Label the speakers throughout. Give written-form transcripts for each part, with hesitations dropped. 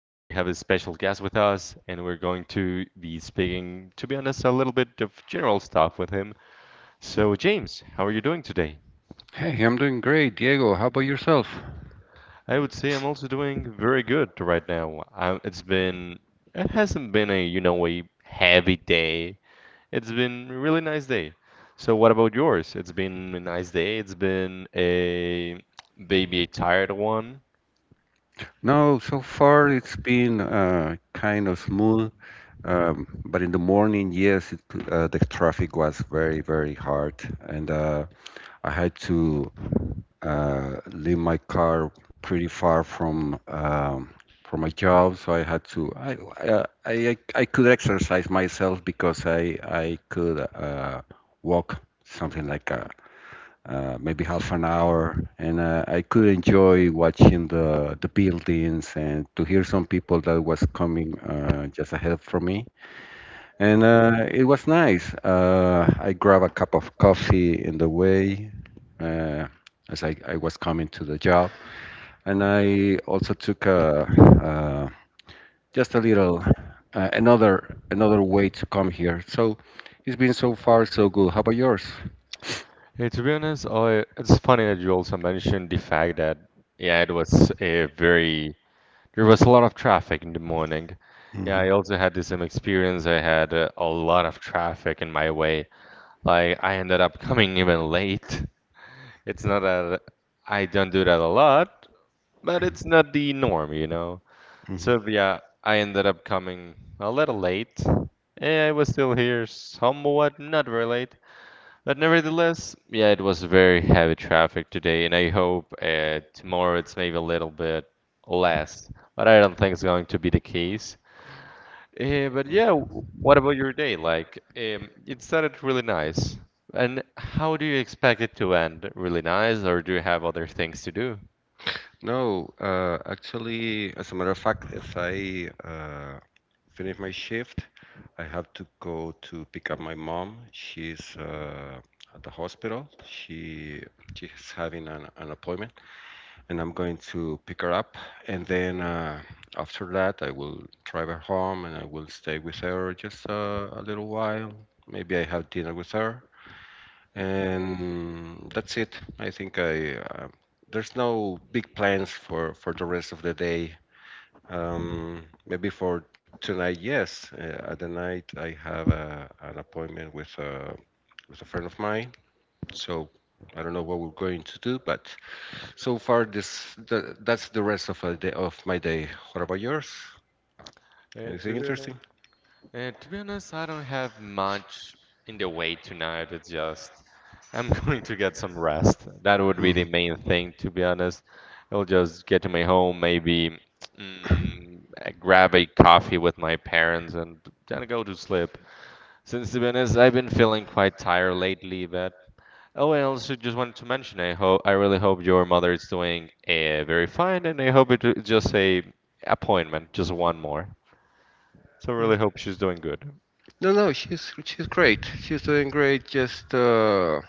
Speaker 1: we have a special guest with us, and we're going to be speaking, to be honest, a little bit of general stuff with him. So, James, how are you doing today?
Speaker 2: Hey, I'm doing great, Diego. How about yourself?
Speaker 1: I would say I'm also doing very good right now. It hasn't been a heavy day. It's been a really nice day. So, what about yours? It's been a nice day. It's been a maybe a tired one.
Speaker 2: No, so far it's been kind of smooth, but in the morning, yes, the traffic was very, very hard, and I had to leave my car pretty far from my job, so I, I could exercise myself because I could walk something like a maybe half an hour, and I could enjoy watching the buildings and to hear some people that was coming just ahead from me, and it was nice. I grabbed a cup of coffee in the way uh, as I was coming to the job, and I also took uh, just a little another way to come here. So it's been so far so good. How about yours?
Speaker 1: Hey, to be honest, it's funny that you also mentioned the fact that yeah, it was a very there was a lot of traffic in the morning. Yeah,
Speaker 2: Mhm.
Speaker 1: I also had the same experience. I had a lot of traffic in my way. Like I ended up coming even late. It's not that I don't do that a lot, but it's not the norm.
Speaker 2: Mhm.
Speaker 1: So yeah, I ended up coming a little late. I was still here somewhat, not very late. But nevertheless, yeah, it was very heavy traffic today, and I hope tomorrow it's maybe a little bit less. But I don't think it's going to be the case. But yeah, what about your day? Like, it started really nice. And how do you expect it to end? Really nice, or do you have other things to do?
Speaker 2: No, actually, as a matter of fact, if I finish my shift, I have to go to pick up my mom. She's at the hospital. She's having an appointment, and I'm going to pick her up. And then after that, I will drive her home, and I will stay with her just a little while. Maybe I have dinner with her, and that's it. I think I there's no big plans for the rest of the day. Maybe for tonight, yes. At the night, I have an appointment with a friend of mine, so I don't know what we're going to do. But so far, that's the rest of a day of my day. What about yours?
Speaker 1: Uh,
Speaker 2: Anything
Speaker 1: to be honest,
Speaker 2: interesting?
Speaker 1: to be honest, I don't have much in the way tonight. It's just I'm going to get some rest. That would be
Speaker 2: Mhm.
Speaker 1: the main thing, to be honest. I'll just get to my home, maybe mm, grab a coffee with my parents, and then go to sleep. Since, to be honest, I've been feeling quite tired lately, but oh, and also just wanted to mention, I really hope your mother is doing very fine, and I hope it's just a appointment, just one more. So I
Speaker 2: Mm.
Speaker 1: really hope she's doing good.
Speaker 2: No, no, she's great. She's doing great.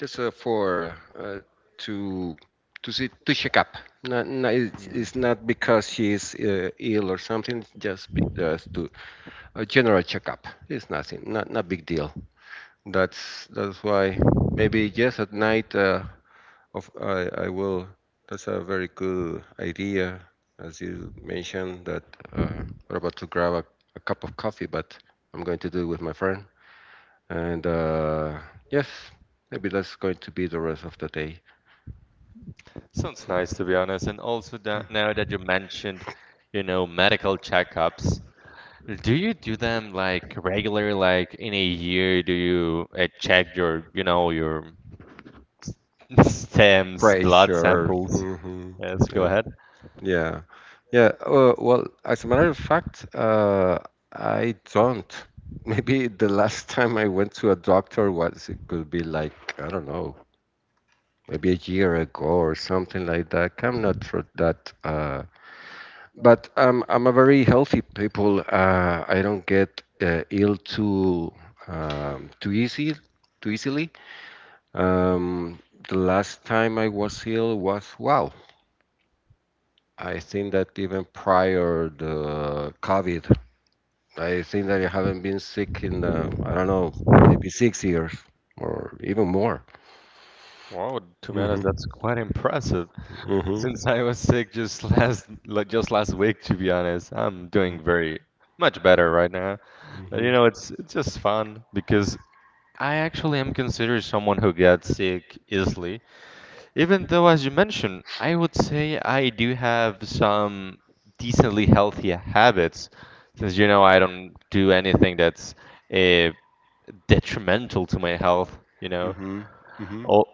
Speaker 2: Just for to to see, to check up. Not, not, it's
Speaker 1: Hmm.
Speaker 2: not because she's ill or something. It's just to a general checkup. It's nothing. Not big deal. That's why maybe just at night. Of I will. That's a very good idea, as you mentioned that. We're about to grab a cup of coffee, but I'm going to do it with my friend. And yes, maybe that's going to be the rest of the day.
Speaker 1: Sounds nice to be honest. And also that now that you mentioned, medical checkups, do you do them like regular, like in a year? Do you check your stems, blood
Speaker 2: Pressure.
Speaker 1: samples?
Speaker 2: Hmm.
Speaker 1: Yes, go
Speaker 2: Yeah.
Speaker 1: ahead.
Speaker 2: Yeah. Yeah. Well, as a matter of fact, I don't. Maybe the last time I went to a doctor was, it could be like, I don't know, maybe a year ago or something like that. I'm not sure that. But I'm a very healthy people. I don't get ill too too easily. Um, the last time I was ill was, wow, I think that even prior the COVID, I think that I haven't been sick in, I don't know, maybe 6 years or even more.
Speaker 1: Wow, to be honest, that's
Speaker 2: Hmm.
Speaker 1: quite impressive.
Speaker 2: Hmm.
Speaker 1: Since I was sick just last week, to be honest, I'm doing very much better right now. But
Speaker 2: Hmm.
Speaker 1: it's just fun because I actually am considered someone who gets sick easily, even though, as you mentioned, I would say I do have some decently healthy habits, since you know I don't do anything that's uh, detrimental to my health.
Speaker 2: Hmm. Hmm.
Speaker 1: Or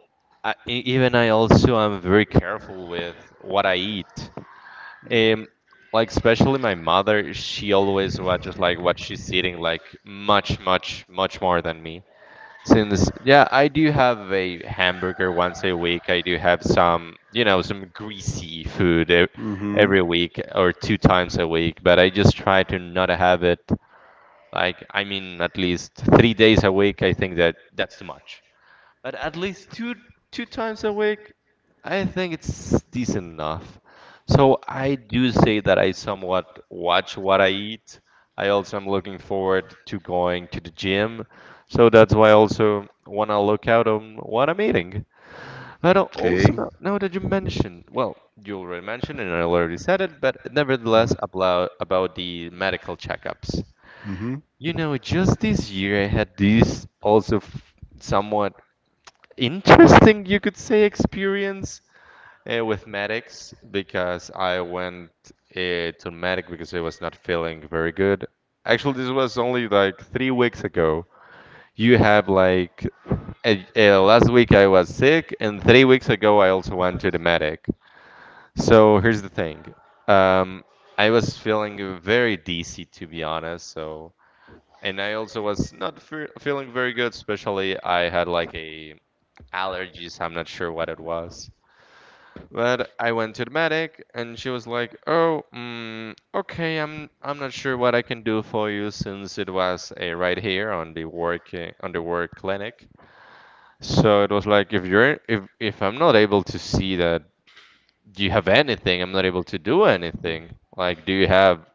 Speaker 1: I, e- even I also am very careful with what I eat. Um, like especially my mother, she always watches like what she's eating, like much, much, much more than me. Since yeah, I do have a hamburger once a week. I do have some greasy food
Speaker 2: Hmm.
Speaker 1: every week or two times a week, but I just try to not have it like I mean at least 3 days a week. I think that that's too much but at least two times a week, I think it's decent enough. So I do say that I somewhat watch what I eat. I also am looking forward to going to the gym, so that's why I also want to look out on what I'm eating. But also
Speaker 2: Okay.
Speaker 1: now that you mentioned, well, you already mentioned and I already said it, but nevertheless about the medical checkups.
Speaker 2: Mm-hmm.
Speaker 1: Just this year I had this also f somewhat interesting, you could say, experience with medics because I went to medic because I was not feeling very good. Actually, this was only like 3 weeks ago. You have like last week I was sick, and 3 weeks ago I also went to the medic. So here's the thing. Um, I was feeling very dizzy to be honest. So, and I also was not fe feeling very good. Especially I had like a allergies. I'm not sure what it was. But I went to the medic, and she was like, "Oh, okay, I'm not sure what I can do for you since it was a right here on the work on the work clinic." So it was like, if you're if I'm not able to see that you have anything, I'm not able to do anything. Like, do you have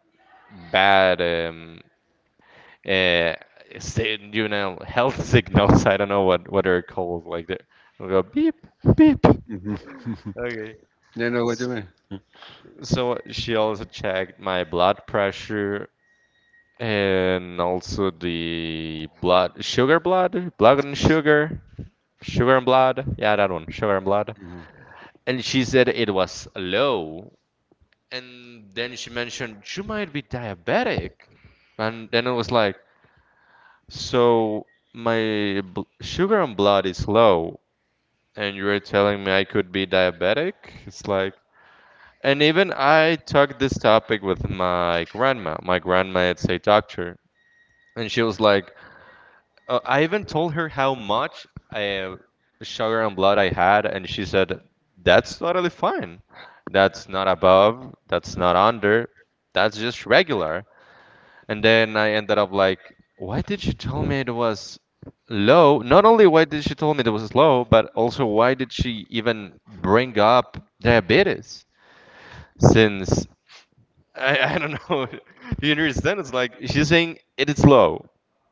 Speaker 1: bad uh, health signals. I don't know what are called. Like they will go beep beep.
Speaker 2: Hmm.
Speaker 1: Okay.
Speaker 2: You know what do you
Speaker 1: So she also checked my blood pressure and also the blood sugar blood and sugar and blood yeah that one sugar and blood
Speaker 2: mean?
Speaker 1: and she said it was low. And then she mentioned you might be diabetic. And then it was like, so my bl sugar and blood is low, and you're telling me I could be diabetic? It's like, and even I talked this topic with my grandma. My grandma is a doctor, and she was like, I even told her how much uh, sugar and blood I had, and she said, that's totally fine. That's not above, that's not under, that's just regular. And then I ended up like, why did she tell me it was low? Not only why did she tell me it was low, but also why did she even bring up diabetes? Since I don't know, do you understand? It's like she's saying it is low.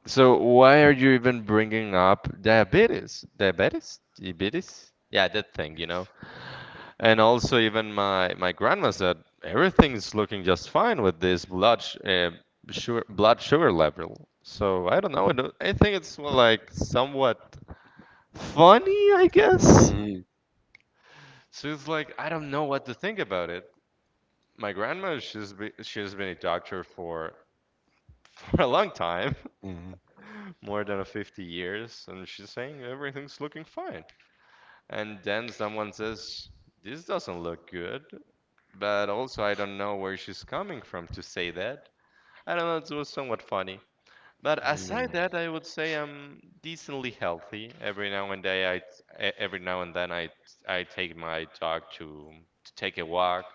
Speaker 1: So why are you even bringing up diabetes? Diabetes? Diabetes? Yeah, that thing, you know. And also, even my grandma said everything's looking just fine with this blood sugar level. So I don't know. I don't- I think it's more like somewhat funny, I guess.
Speaker 2: Hmm.
Speaker 1: So it's like I don't know what to think about it. My grandma, she's been a doctor for for a long time, more than 50 years, and she's saying everything's looking fine. And then someone says, "This doesn't look good. But also, I don't know where she's coming from to say that. I don't know, it was somewhat funny. But
Speaker 2: Hmm.
Speaker 1: aside that, I would say I'm decently healthy. Every now and then I take my dog to take a walk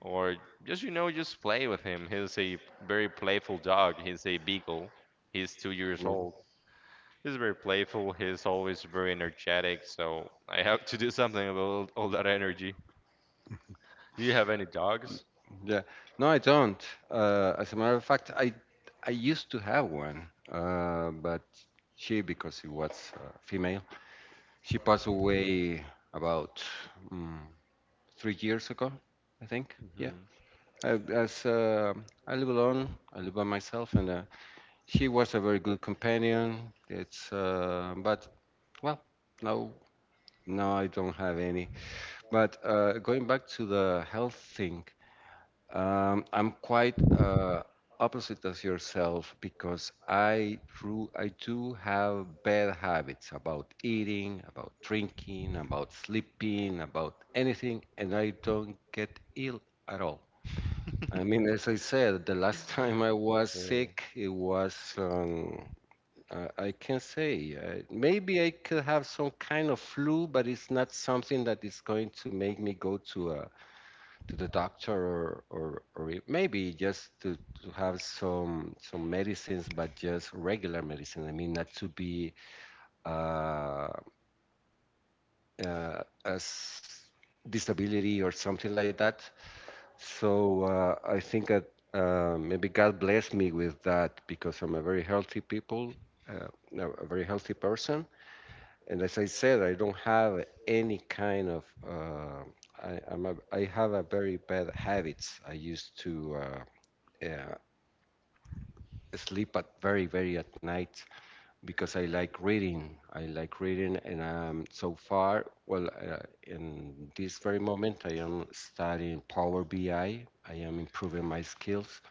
Speaker 1: or just you know just play with him. He's a very playful dog. He's a beagle. He's 2 years old.
Speaker 2: Hmm.
Speaker 1: He's very playful. He's always very energetic. So I have to do something about all that energy. Do you have any dogs?
Speaker 2: Yeah. No, I don't. As a matter of fact, I used to have one, but because she was female, she passed away about mm 3 years ago, I think. Yeah.
Speaker 1: Hmm.
Speaker 2: I, as uh, I live alone, I live by myself, and she was a very good companion. It's But well, no, no, I don't have any. But going back to the health thing. I'm quite opposite as yourself because I do have bad habits about eating, about drinking, about sleeping, about anything, and I don't get ill at all. I mean, as I said, the last time I was sick, I can say maybe I could have some kind of flu, but it's not something that is going to make me go to the doctor or maybe just to have some medicines, but just regular medicine. I mean, not to be uh, as disability or something like that. So I think that maybe God blessed me with that because I'm a very healthy people, no, a very healthy person. And as I said, I don't have any kind of I have a very bad habits. I used to uh, sleep at very at night because I like reading. I like reading, and so far, well, in this very moment, I am studying Power BI. I am improving my skills,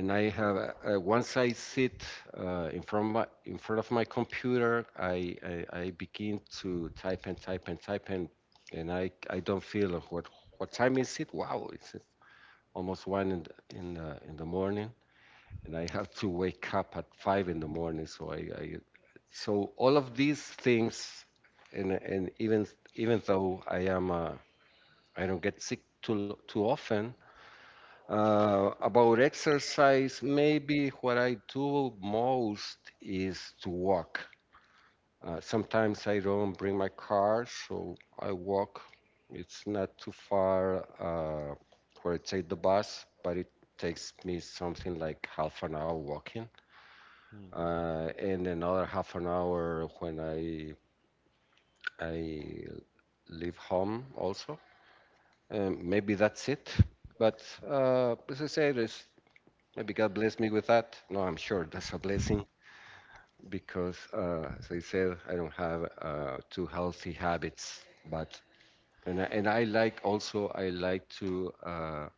Speaker 2: and I have once I sit in front of my computer, I begin to type and type and type, and I don't feel what time is it? Wow, it's almost one in the morning, and I have to wake up at 5 in the morning. So I so all of these things, and even though I don't get sick too often. About exercise, maybe what I do most is to walk. Sometimes I don't bring my car, so I walk. It's not too far where I take the bus, but it takes me something like half an hour walking.
Speaker 1: Yeah.
Speaker 2: In another half an hour when I leave home also. Maybe that's it. But as I said, maybe God bless me with that. No, I'm sure that's a blessing because, as I said, I don't have too healthy habits. But and I like to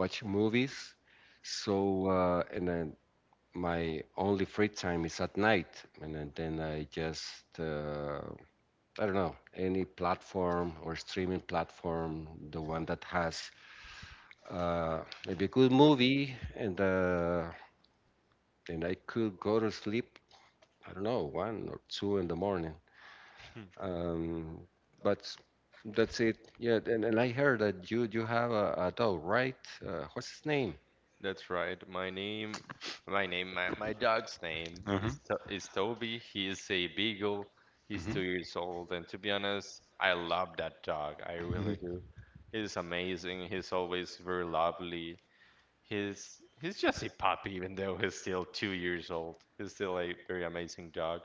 Speaker 2: watch movies. So and my only free time is at night, and then I don't know any platform or streaming platform, the one that has maybe a good movie, and then I could go to sleep. I don't know, 1 or 2 in the morning. Um, but that's it. Yeah, and I heard that you have a dog, right? What's his name?
Speaker 1: That's right. My dog's name is
Speaker 2: Mm-hmm.
Speaker 1: To is Toby. He is a beagle. He's two
Speaker 2: Mm-hmm.
Speaker 1: years old, and to be honest, I love that dog. I really do. He's amazing. He's always very lovely. He's just a puppy, even though he's still 2 years old. He's still a very amazing dog.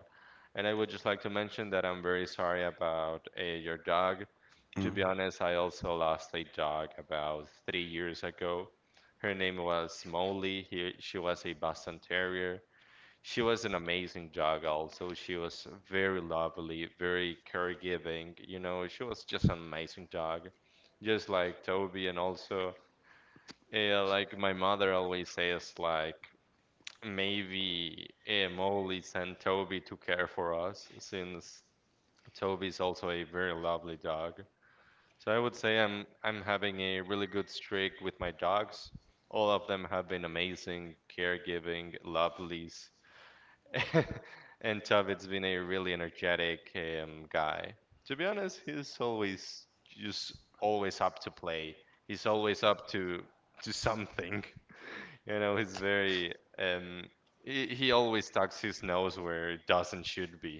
Speaker 1: And I would just like to mention that I'm very sorry about your dog. To be
Speaker 2: Mm-hmm.
Speaker 1: honest, I also lost a dog about 3 years ago. Her name was Molly. She was a Boston Terrier. She was an amazing dog, also. She was very lovely, very caregiving. She was just an amazing dog, just like Toby. And also, like my mother always says, like maybe Molly sent Toby to care for us since Toby's also a very lovely dog. So I would say I'm having a really good streak with my dogs. All of them have been amazing, caregiving, lovelies. And Toby's been a really energetic guy. To be honest, he's always just always up to play. He's always up to something. He's very he always tucks his nose where it doesn't should be.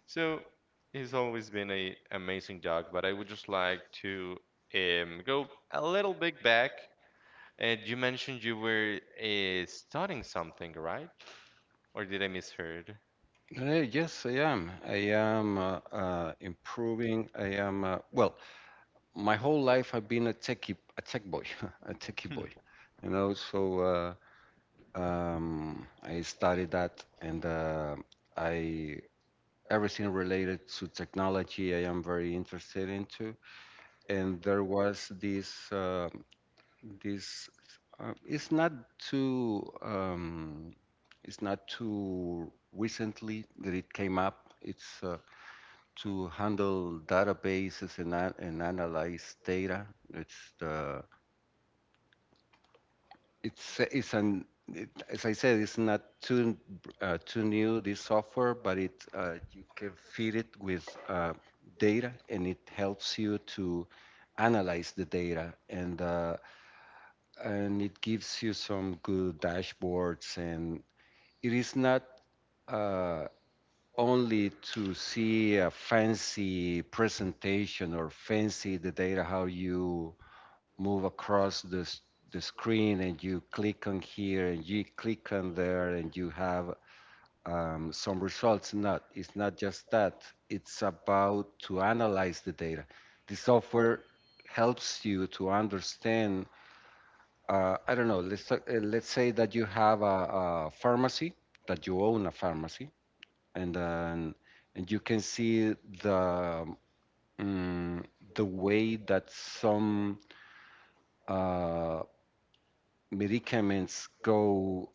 Speaker 1: So he's always been a amazing dog, but I would just like to go a little bit back. And you mentioned you were studying something, right? Or did I misheard?
Speaker 2: Yes, I am. I am improving. I am well. My whole life I've been a techie, a tech boy, a techie
Speaker 1: Hmm.
Speaker 2: boy. So I studied that, and I everything related to technology I am very interested into. And there was this. It's not too. It's not too recently that it came up. It's to handle databases and analyze data. It's the it's an it, As I said, it's not too new this software, but it you can feed it with data, and it helps you to analyze the data, and it gives you some good dashboards, and it is not. Uh, Only to see a fancy presentation or fancy the data, how you move across the screen, and you click on here, and you click on there, and you have some results. Not, it's not just that. It's about to analyze the data. The software helps you to understand. I don't know. Let's say that you have a pharmacy, that you own a pharmacy, and then and you can see the mm, the way that some uh, medicaments go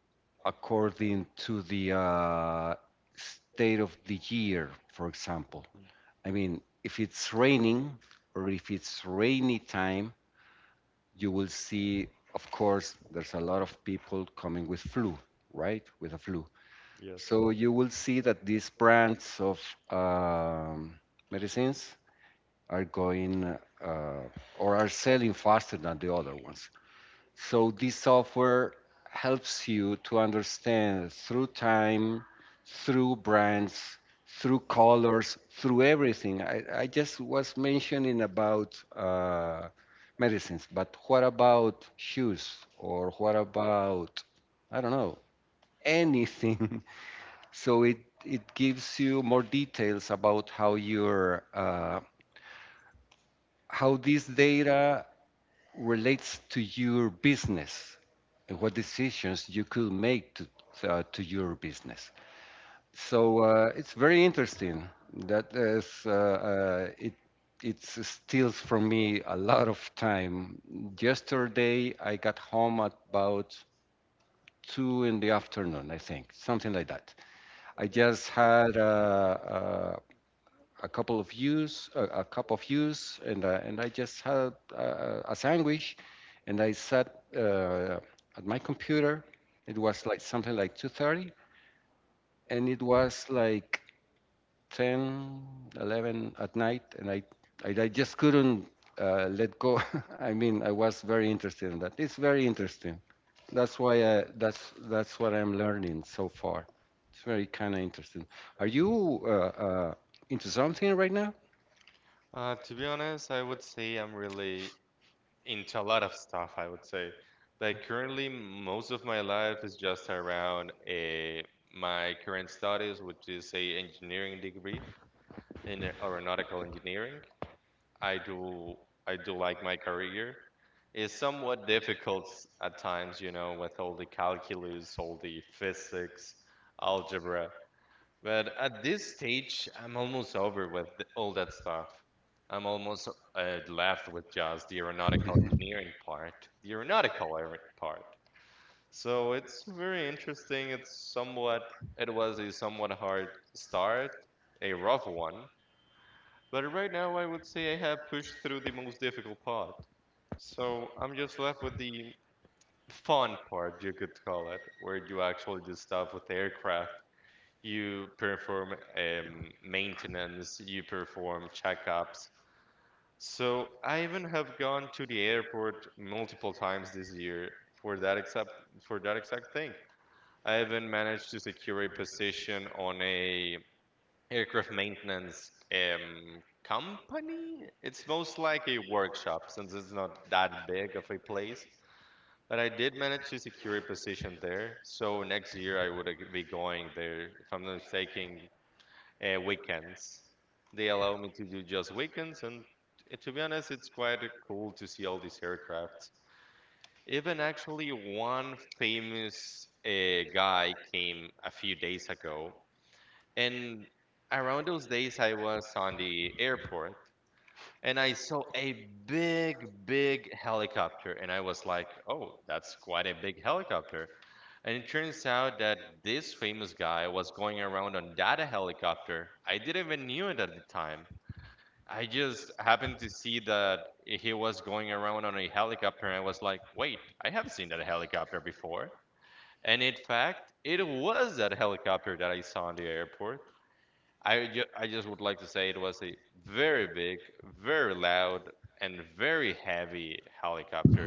Speaker 2: according to the state of the year, for example. I mean, if it's raining or if it's rainy time, you will see, of course, there's a lot of people coming with flu, right? With a flu.
Speaker 1: Yes.
Speaker 2: So you will see that these brands of um, medicines are going uh, or are selling faster than the other ones. So this software helps you to understand through time, through brands, through colors, through everything. I just was mentioning about medicines, but what about shoes, or what about, I don't know, anything? So it gives you more details about how this data relates to your business, and what decisions you could make to your business. So it's very interesting. That is, it it steals from me a lot of time. Yesterday I got home at about 2 in the afternoon, I think, something like that. I just had a couple of views, a cup of views, and I just had a sandwich, and I sat at my computer. It was like something like 2:30, and it was like 10, 11 at night, and I just couldn't let go. I mean, I was very interested in that. It's very interesting. That's why I, that's what I'm learning so far. It's very kind of interesting. Are you into something right now?
Speaker 1: To be honest, I would say I'm really into a lot of stuff, I would say. Like currently, most of my life is just around my current studies, which is a engineering degree in aeronautical engineering. I do I do like my career. It's somewhat difficult at times, with all the calculus, all the physics, algebra. But at this stage, I'm almost over with all that stuff. I'm almost left with just the aeronautical engineering part, the aeronautical part. So it's very interesting. It was a somewhat hard start, a rough one, but right now, I would say I have pushed through the most difficult part. So I'm just left with the fun part, you could call it, where you actually do stuff with the aircraft. You perform maintenance, you perform checkups. So I even have gone to the airport multiple times this year for that exact thing. I even managed to secure a position on a aircraft maintenance company. It's most like a workshop since it's not that big of a place. But I did manage to secure a position there. So next year I would be going there, if I'm not mistaken, weekends. They allow me to do just weekends, and to be honest, it's quite cool to see all these aircrafts. Even actually, one famous guy came a few days ago and around those days, I was on the airport and I saw a big, big helicopter. And I was like, oh, that's quite a big helicopter. And it turns out that this famous guy was going around on that helicopter. I didn't even knew it at the time. I just happened to see that he was going around on a helicopter, and I was like, wait, I have seen that helicopter before. And in fact, it was that helicopter that I saw in the airport. I just would like to say it was a very big, very loud, and very heavy helicopter.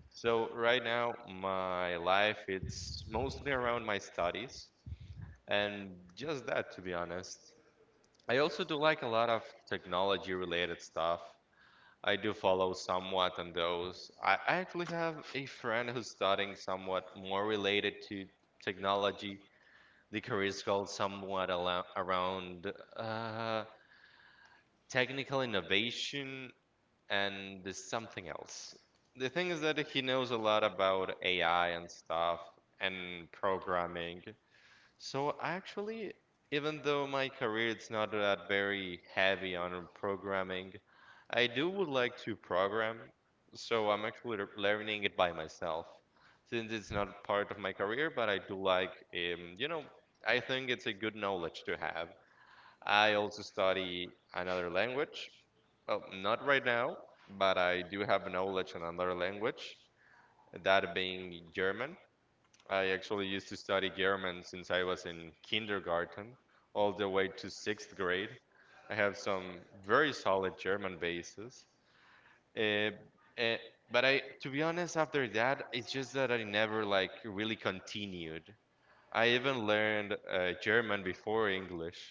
Speaker 1: So right now my life it's mostly around my studies and just that to be honest. I also do like a lot of technology related stuff. I do follow somewhat on those. I actually have a friend who's studying somewhat more related to technology. The career is called somewhat around uh technical innovation and there's something else. The thing is that he knows a lot about AI and stuff and programming. So actually, even though my career it's not that very heavy on programming, I do would like to program. So I'm actually learning it by myself, since it's not part of my career, but I do like, I think it's a good knowledge to have. I also study another language, well, not right now, but I do have knowledge on another language, that being German. I actually used to study German since I was in kindergarten all the way to sixth grade. I have some very solid German bases. Uh, uh, but I, to be honest, after that, it's just that I never like really continued. I even learned German before English.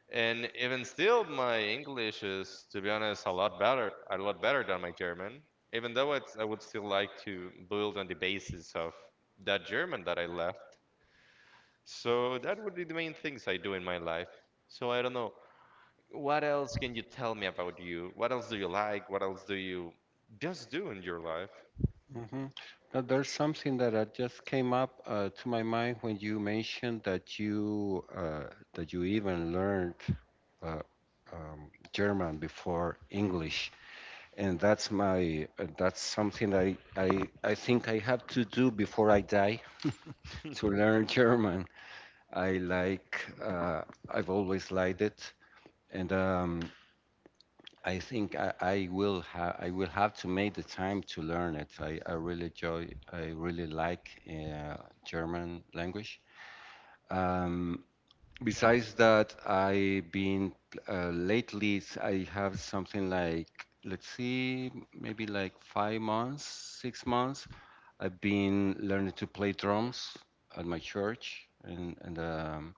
Speaker 1: And even still, my English is, to be honest, a lot better than my German. Even though it's, I would still like to build on the basis of that German that I left. So that would be the main things I do in my life. So I don't know. What else can you tell me about you? What else do you like? What else do you just do in your life?
Speaker 2: Mm-hmm. Now, there's something that just came up to my mind when you mentioned that you even learned uh, German before English, and that's my that's something I think I have to do before I die to learn German. I like I've always liked it, and I think I will have I will have to make the time to learn it. I really enjoy I really like German language. Um, besides that, I've been lately I have something like let's see maybe like 5 months, 6 months. I've been learning to play drums at my church and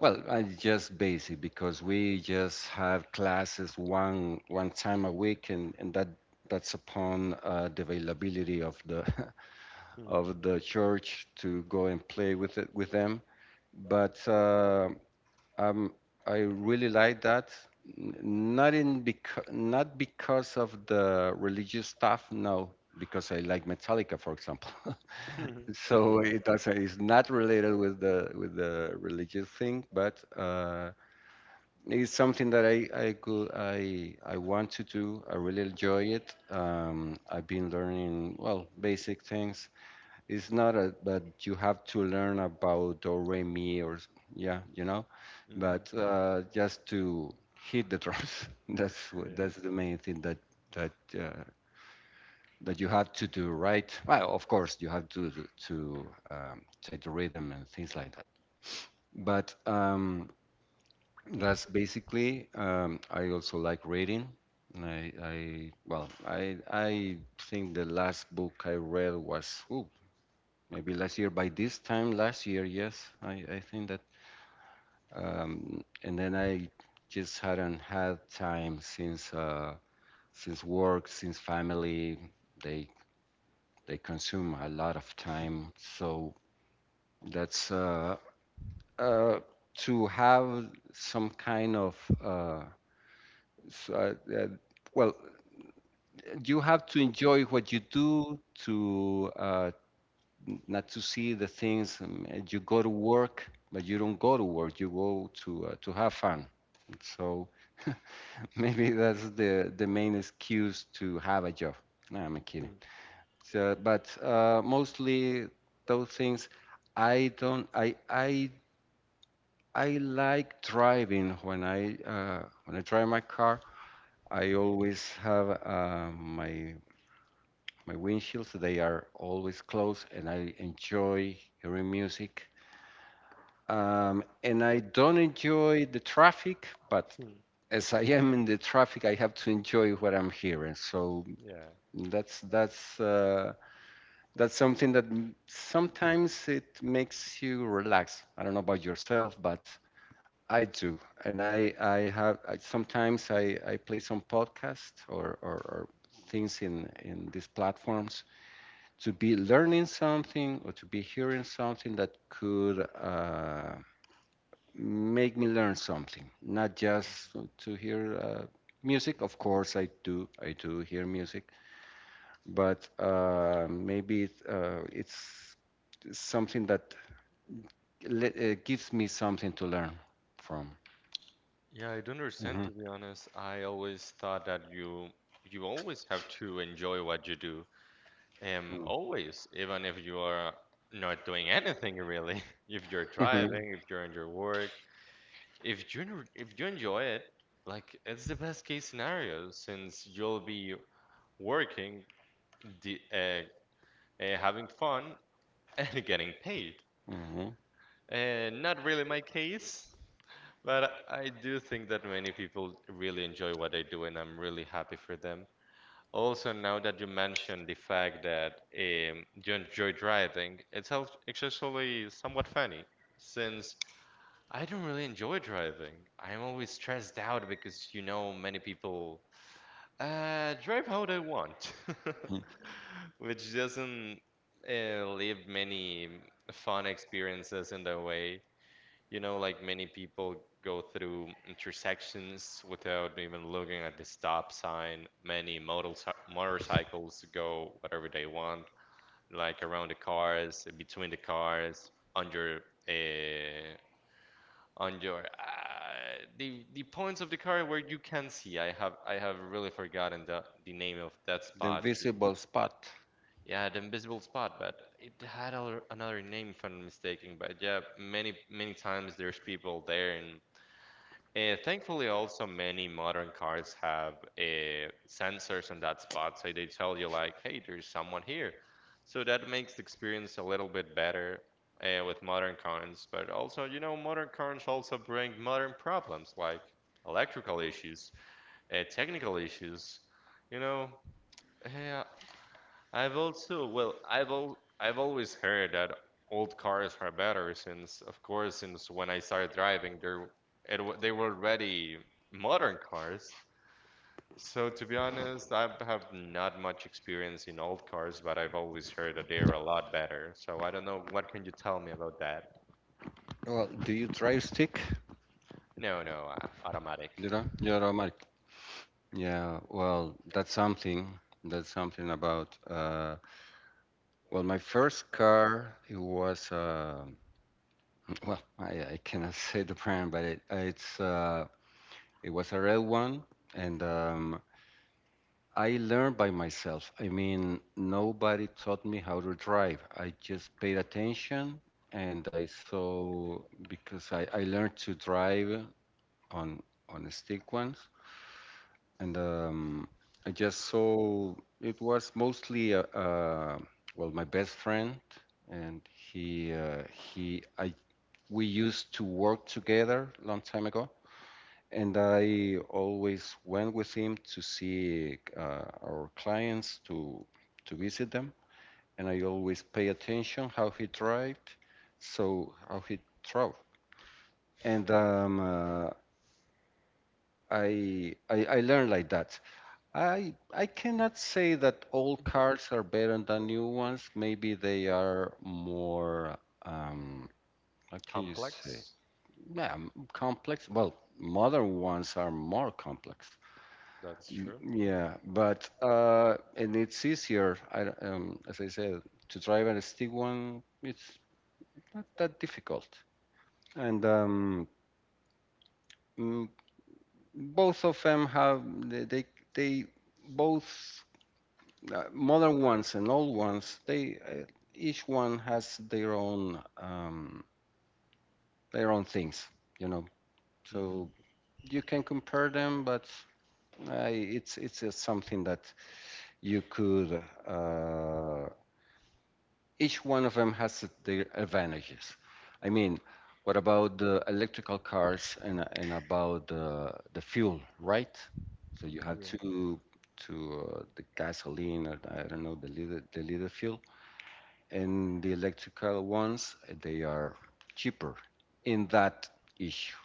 Speaker 2: well, I just basic because we just have classes one time a week, and, that that's upon the availability of the of the church to go and play with it with them. But um, I really like that. Not in because not because of the religious stuff, no, because I like Metallica, for example.
Speaker 1: Yeah.
Speaker 2: So it doesn't, it's not related with the religious thing, but. It's something that I want to do. I really enjoy it. I've been learning well basic things. It's not a but you have to learn about do re mi or yeah
Speaker 1: hmm
Speaker 2: but just to hit the drums.
Speaker 1: Yeah.
Speaker 2: That's the main thing that uh, that you have to do right. Well, of course you have to to take the rhythm and things like that. But that's basically. I also like reading. And I well, I think the last book I read was ooh, maybe last year. By this time last year, yes, I think that. And then I just hadn't had time since work, since family. They they consume a lot of time, so that's uh, to have some kind of uh, so, uh, uh, well you have to enjoy what you do to not to see the things you go to work but you don't go to work you go to have fun so maybe that's the main excuse to have a job no, I'm kidding so, but mostly those things I don't I like driving when I when I drive my car I always have my my windshields. They are always closed, and I enjoy hearing music. And I don't enjoy the traffic, but as I am in the traffic, I have to enjoy what I'm hearing. So
Speaker 1: Yeah.
Speaker 2: that's that's uh, that's something that sometimes it makes you relax. I don't know about yourself, but I do, and sometimes I play some podcasts or, or things in these platforms to be learning something or to be hearing something that could make me learn something, not just to hear music. Of course, I do hear music, but maybe it, it's something that gives me something to learn from.
Speaker 1: Yeah, I don't understand to
Speaker 2: Mhm.
Speaker 1: be honest. I always thought that you always have to enjoy what you do.
Speaker 2: Mm.
Speaker 1: Always, even if you are not doing anything really. If you're driving,
Speaker 2: Mhm.
Speaker 1: if you're in your work, if you if you enjoy it, like it's the best case scenario since you'll be working, the having fun and getting paid.
Speaker 2: Mhm.
Speaker 1: Not really my case, but I do think that many people really enjoy what they do, and I'm really happy for them. Also, now that you mentioned the fact that you enjoy driving, it's actually somewhat funny since I don't really enjoy driving. I'm always stressed out because, you know, many people drive how they want,
Speaker 2: Mhm.
Speaker 1: which doesn't leave many fun experiences in their way. You know, like many people go through intersections without even looking at the stop sign. Many motorci Motorcycles go whatever they want, like around the cars, between the cars, on your uh, the points of the car where you can see. I have really forgotten the name of that
Speaker 2: The
Speaker 1: spot. The,
Speaker 2: invisible spot.
Speaker 1: yeah, the invisible spot, but it had a, another name if I'm not mistaken. But yeah, many times there's people there and thankfully, also many modern cars have sensors on that spot, so they tell you like, "Hey, there's someone here." So that makes the experience a little bit better with modern cars. But also, you know, modern cars also bring modern problems like electrical issues, technical issues. You know, eh, I've also, well, I've always heard that old cars are better since, of course, since when I started driving, they were already modern cars. So to be honest, I have not much experience in old cars, but I've always heard that they're a lot better. So I don't know, what can you tell me about that?
Speaker 2: Well, do you drive stick?
Speaker 1: No, no, automatic.
Speaker 2: You know, you're a Mark. Yeah, well, that's something. That's something about. Well, my first car it was. Well, I cannot say the brand, but it's it was a red one, and I learned by myself. I mean, nobody taught me how to drive. I just paid attention, and I saw because I learned to drive on the stick ones, and I just saw it was mostly well my best friend, and he I we used to work together long time ago, and I always went with him to see our clients to visit them, and I always pay attention how he drived, so how he drove, and I learned like that. I cannot say that old cars are better than new ones. Maybe they are more um what can you
Speaker 1: Complex?
Speaker 2: say? Yeah, complex. Well, modern ones are more complex.
Speaker 1: That's true.
Speaker 2: Mm, yeah, but and it's easier. I as I said, to drive a stick one, it's not that difficult. And mm, both of them have they they, they both modern ones and old ones, they each one has their own things, you know.
Speaker 1: hmm
Speaker 2: So you can compare them, but it's just something that you could. Uh, each one of them has their advantages. I mean, what about the electrical cars and about the fuel, right? So
Speaker 1: Yeah,
Speaker 2: you have to the gasoline or I don't know the liter fuel and the electrical ones, they are cheaper in that issue.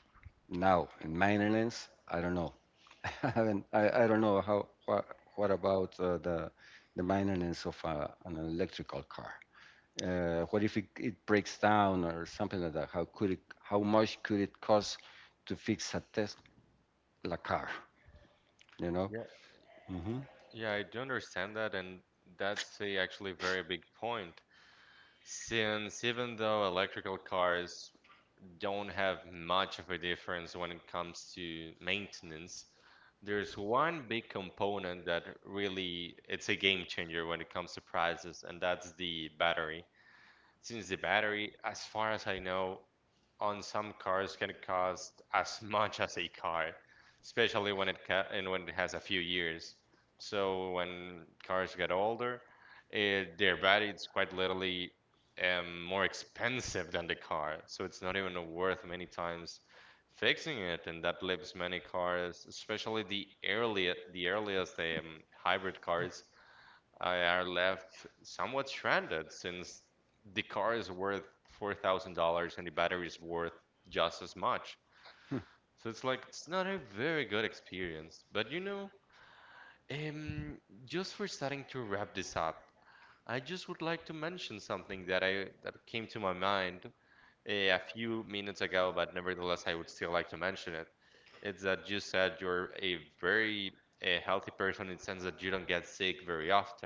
Speaker 2: Now, in maintenance, I don't know. I haven't, I don't know how, what about the maintenance of an electrical car? What if it breaks down or something like that? How could it, how much could it cost to fix a Tesla car, you
Speaker 1: yeah.
Speaker 2: know? Hmm
Speaker 1: Yeah, I do understand that, and that's a actually very big point. Since even though electrical cars don't have much of a difference when it comes to maintenance, there's one big component that really it's a game changer when it comes to prices, and that's the battery. Since the battery, as far as I know, on some cars can cost as much as a car, especially when it has a few years. So when cars get older, their battery is quite literally more expensive than the car. So it's not even worth many times fixing it, and that leaves many cars, especially the earliest hybrid cars, I are left somewhat stranded since the car is worth $4,000 and the battery is worth just as much. So it's like it's not a very good experience. But you know, um, just for starting to wrap this up, I just would like to mention something that I that came to my mind a few minutes ago, but nevertheless, I would still like to mention it. It's that you said you're a very a healthy person in the sense that you don't get sick very often.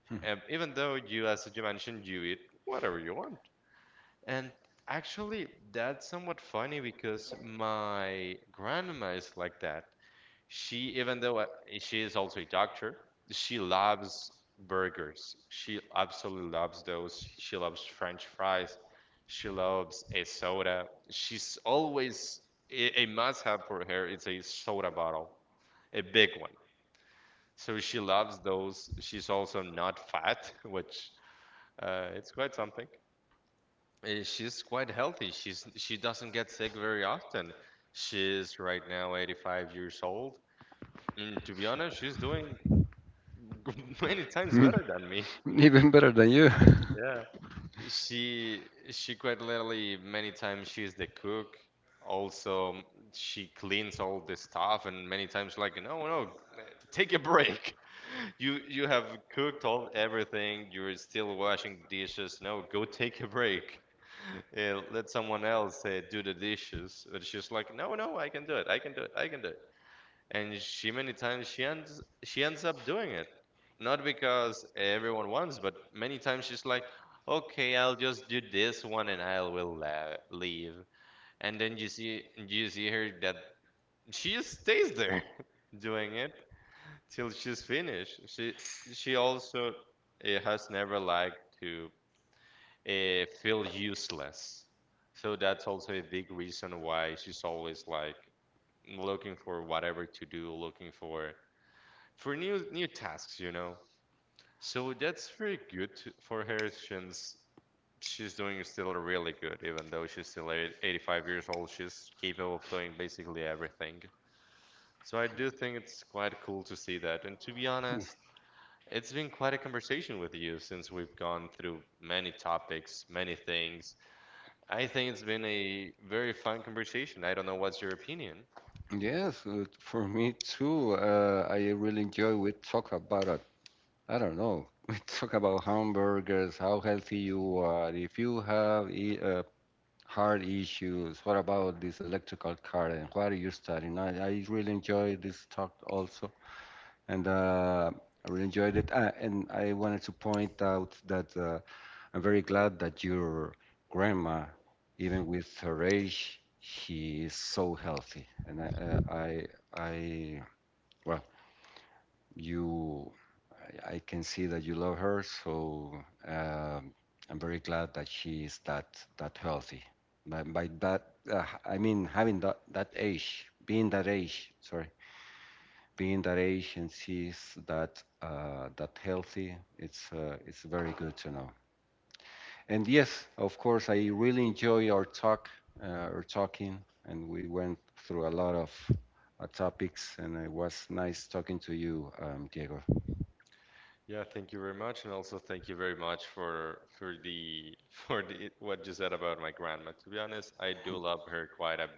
Speaker 1: Even though you, as you mentioned, you eat whatever you want. And actually, that's somewhat funny because my grandma is like that. She, even though she is also a doctor, she loves burgers. She absolutely loves those. She loves French fries. She loves a soda. She's always a must-have for her. It's a soda bottle, a big one. So she loves those. She's also not fat, which it's quite something. She's quite healthy. She doesn't get sick very often. She's right now 85 years old. And to be honest, she's doing many times better
Speaker 2: hmm.
Speaker 1: than me.
Speaker 2: Even better than you.
Speaker 1: Yeah. She she quite literally many times she's the cook. Also, she cleans all the stuff and many times like, no, no, take a break. You have cooked all everything. You're still washing dishes. No, go take a break. Let someone else do the dishes. But she's like, no, no, I can do it. I can do it. I can do it. And she many times she ends up doing it, not because everyone wants, but many times she's like, okay, I'll just do this one and I will la leave. And then you see her that she stays there doing it till she's finished. She also has never liked to feel useless. So that's also a big reason why she's always like looking for whatever to do, looking for new tasks, you know. So that's very good to, for her since she's doing still really good, even though she's still 85 years old, she's capable of doing basically everything. So I do think it's quite cool to see that. And to be honest, it's been quite a conversation with you since we've gone through many topics, many things, I think it's been a very fun conversation. I don't know what's your opinion.
Speaker 2: Yes, for me too. I really enjoy we talk about it. I don't know. We talk about hamburgers, how healthy you are, if you have e heart issues, what about this electrical car and what are you studying? I really enjoy this talk also, and I really enjoyed it. And I wanted to point out that. I'm very glad that your grandma, even with her age, she is so healthy. And I well, you, I can see that you love her. So um, I'm very glad that she is that healthy. By that, I mean having that age, being that age. Sorry, being that age, and she's that healthy. It's very good to know. And yes, of course, I really enjoy our talk, our talking, and we went through a lot of topics, and it was nice talking to you, Diego.
Speaker 1: Yeah, thank you very much, and also thank you very much for the for the what you said about my grandma. To be honest, I do love her quite a bit,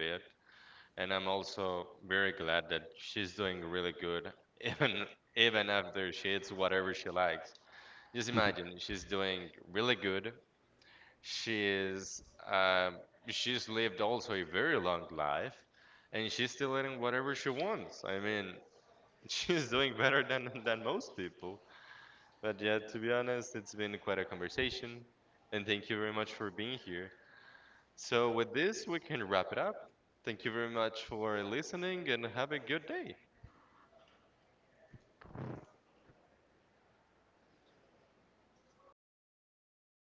Speaker 1: and I'm also very glad that she's doing really good, even even after she eats whatever she likes. Just imagine, she's doing really good. She is um, she's lived also a very long life, and she's still eating whatever she wants. I mean, She's doing better than most people. But yeah, to be honest, it's been quite a conversation, and thank you very much for being here. So with this, we can wrap it up. Thank you very much for listening, and have a good day.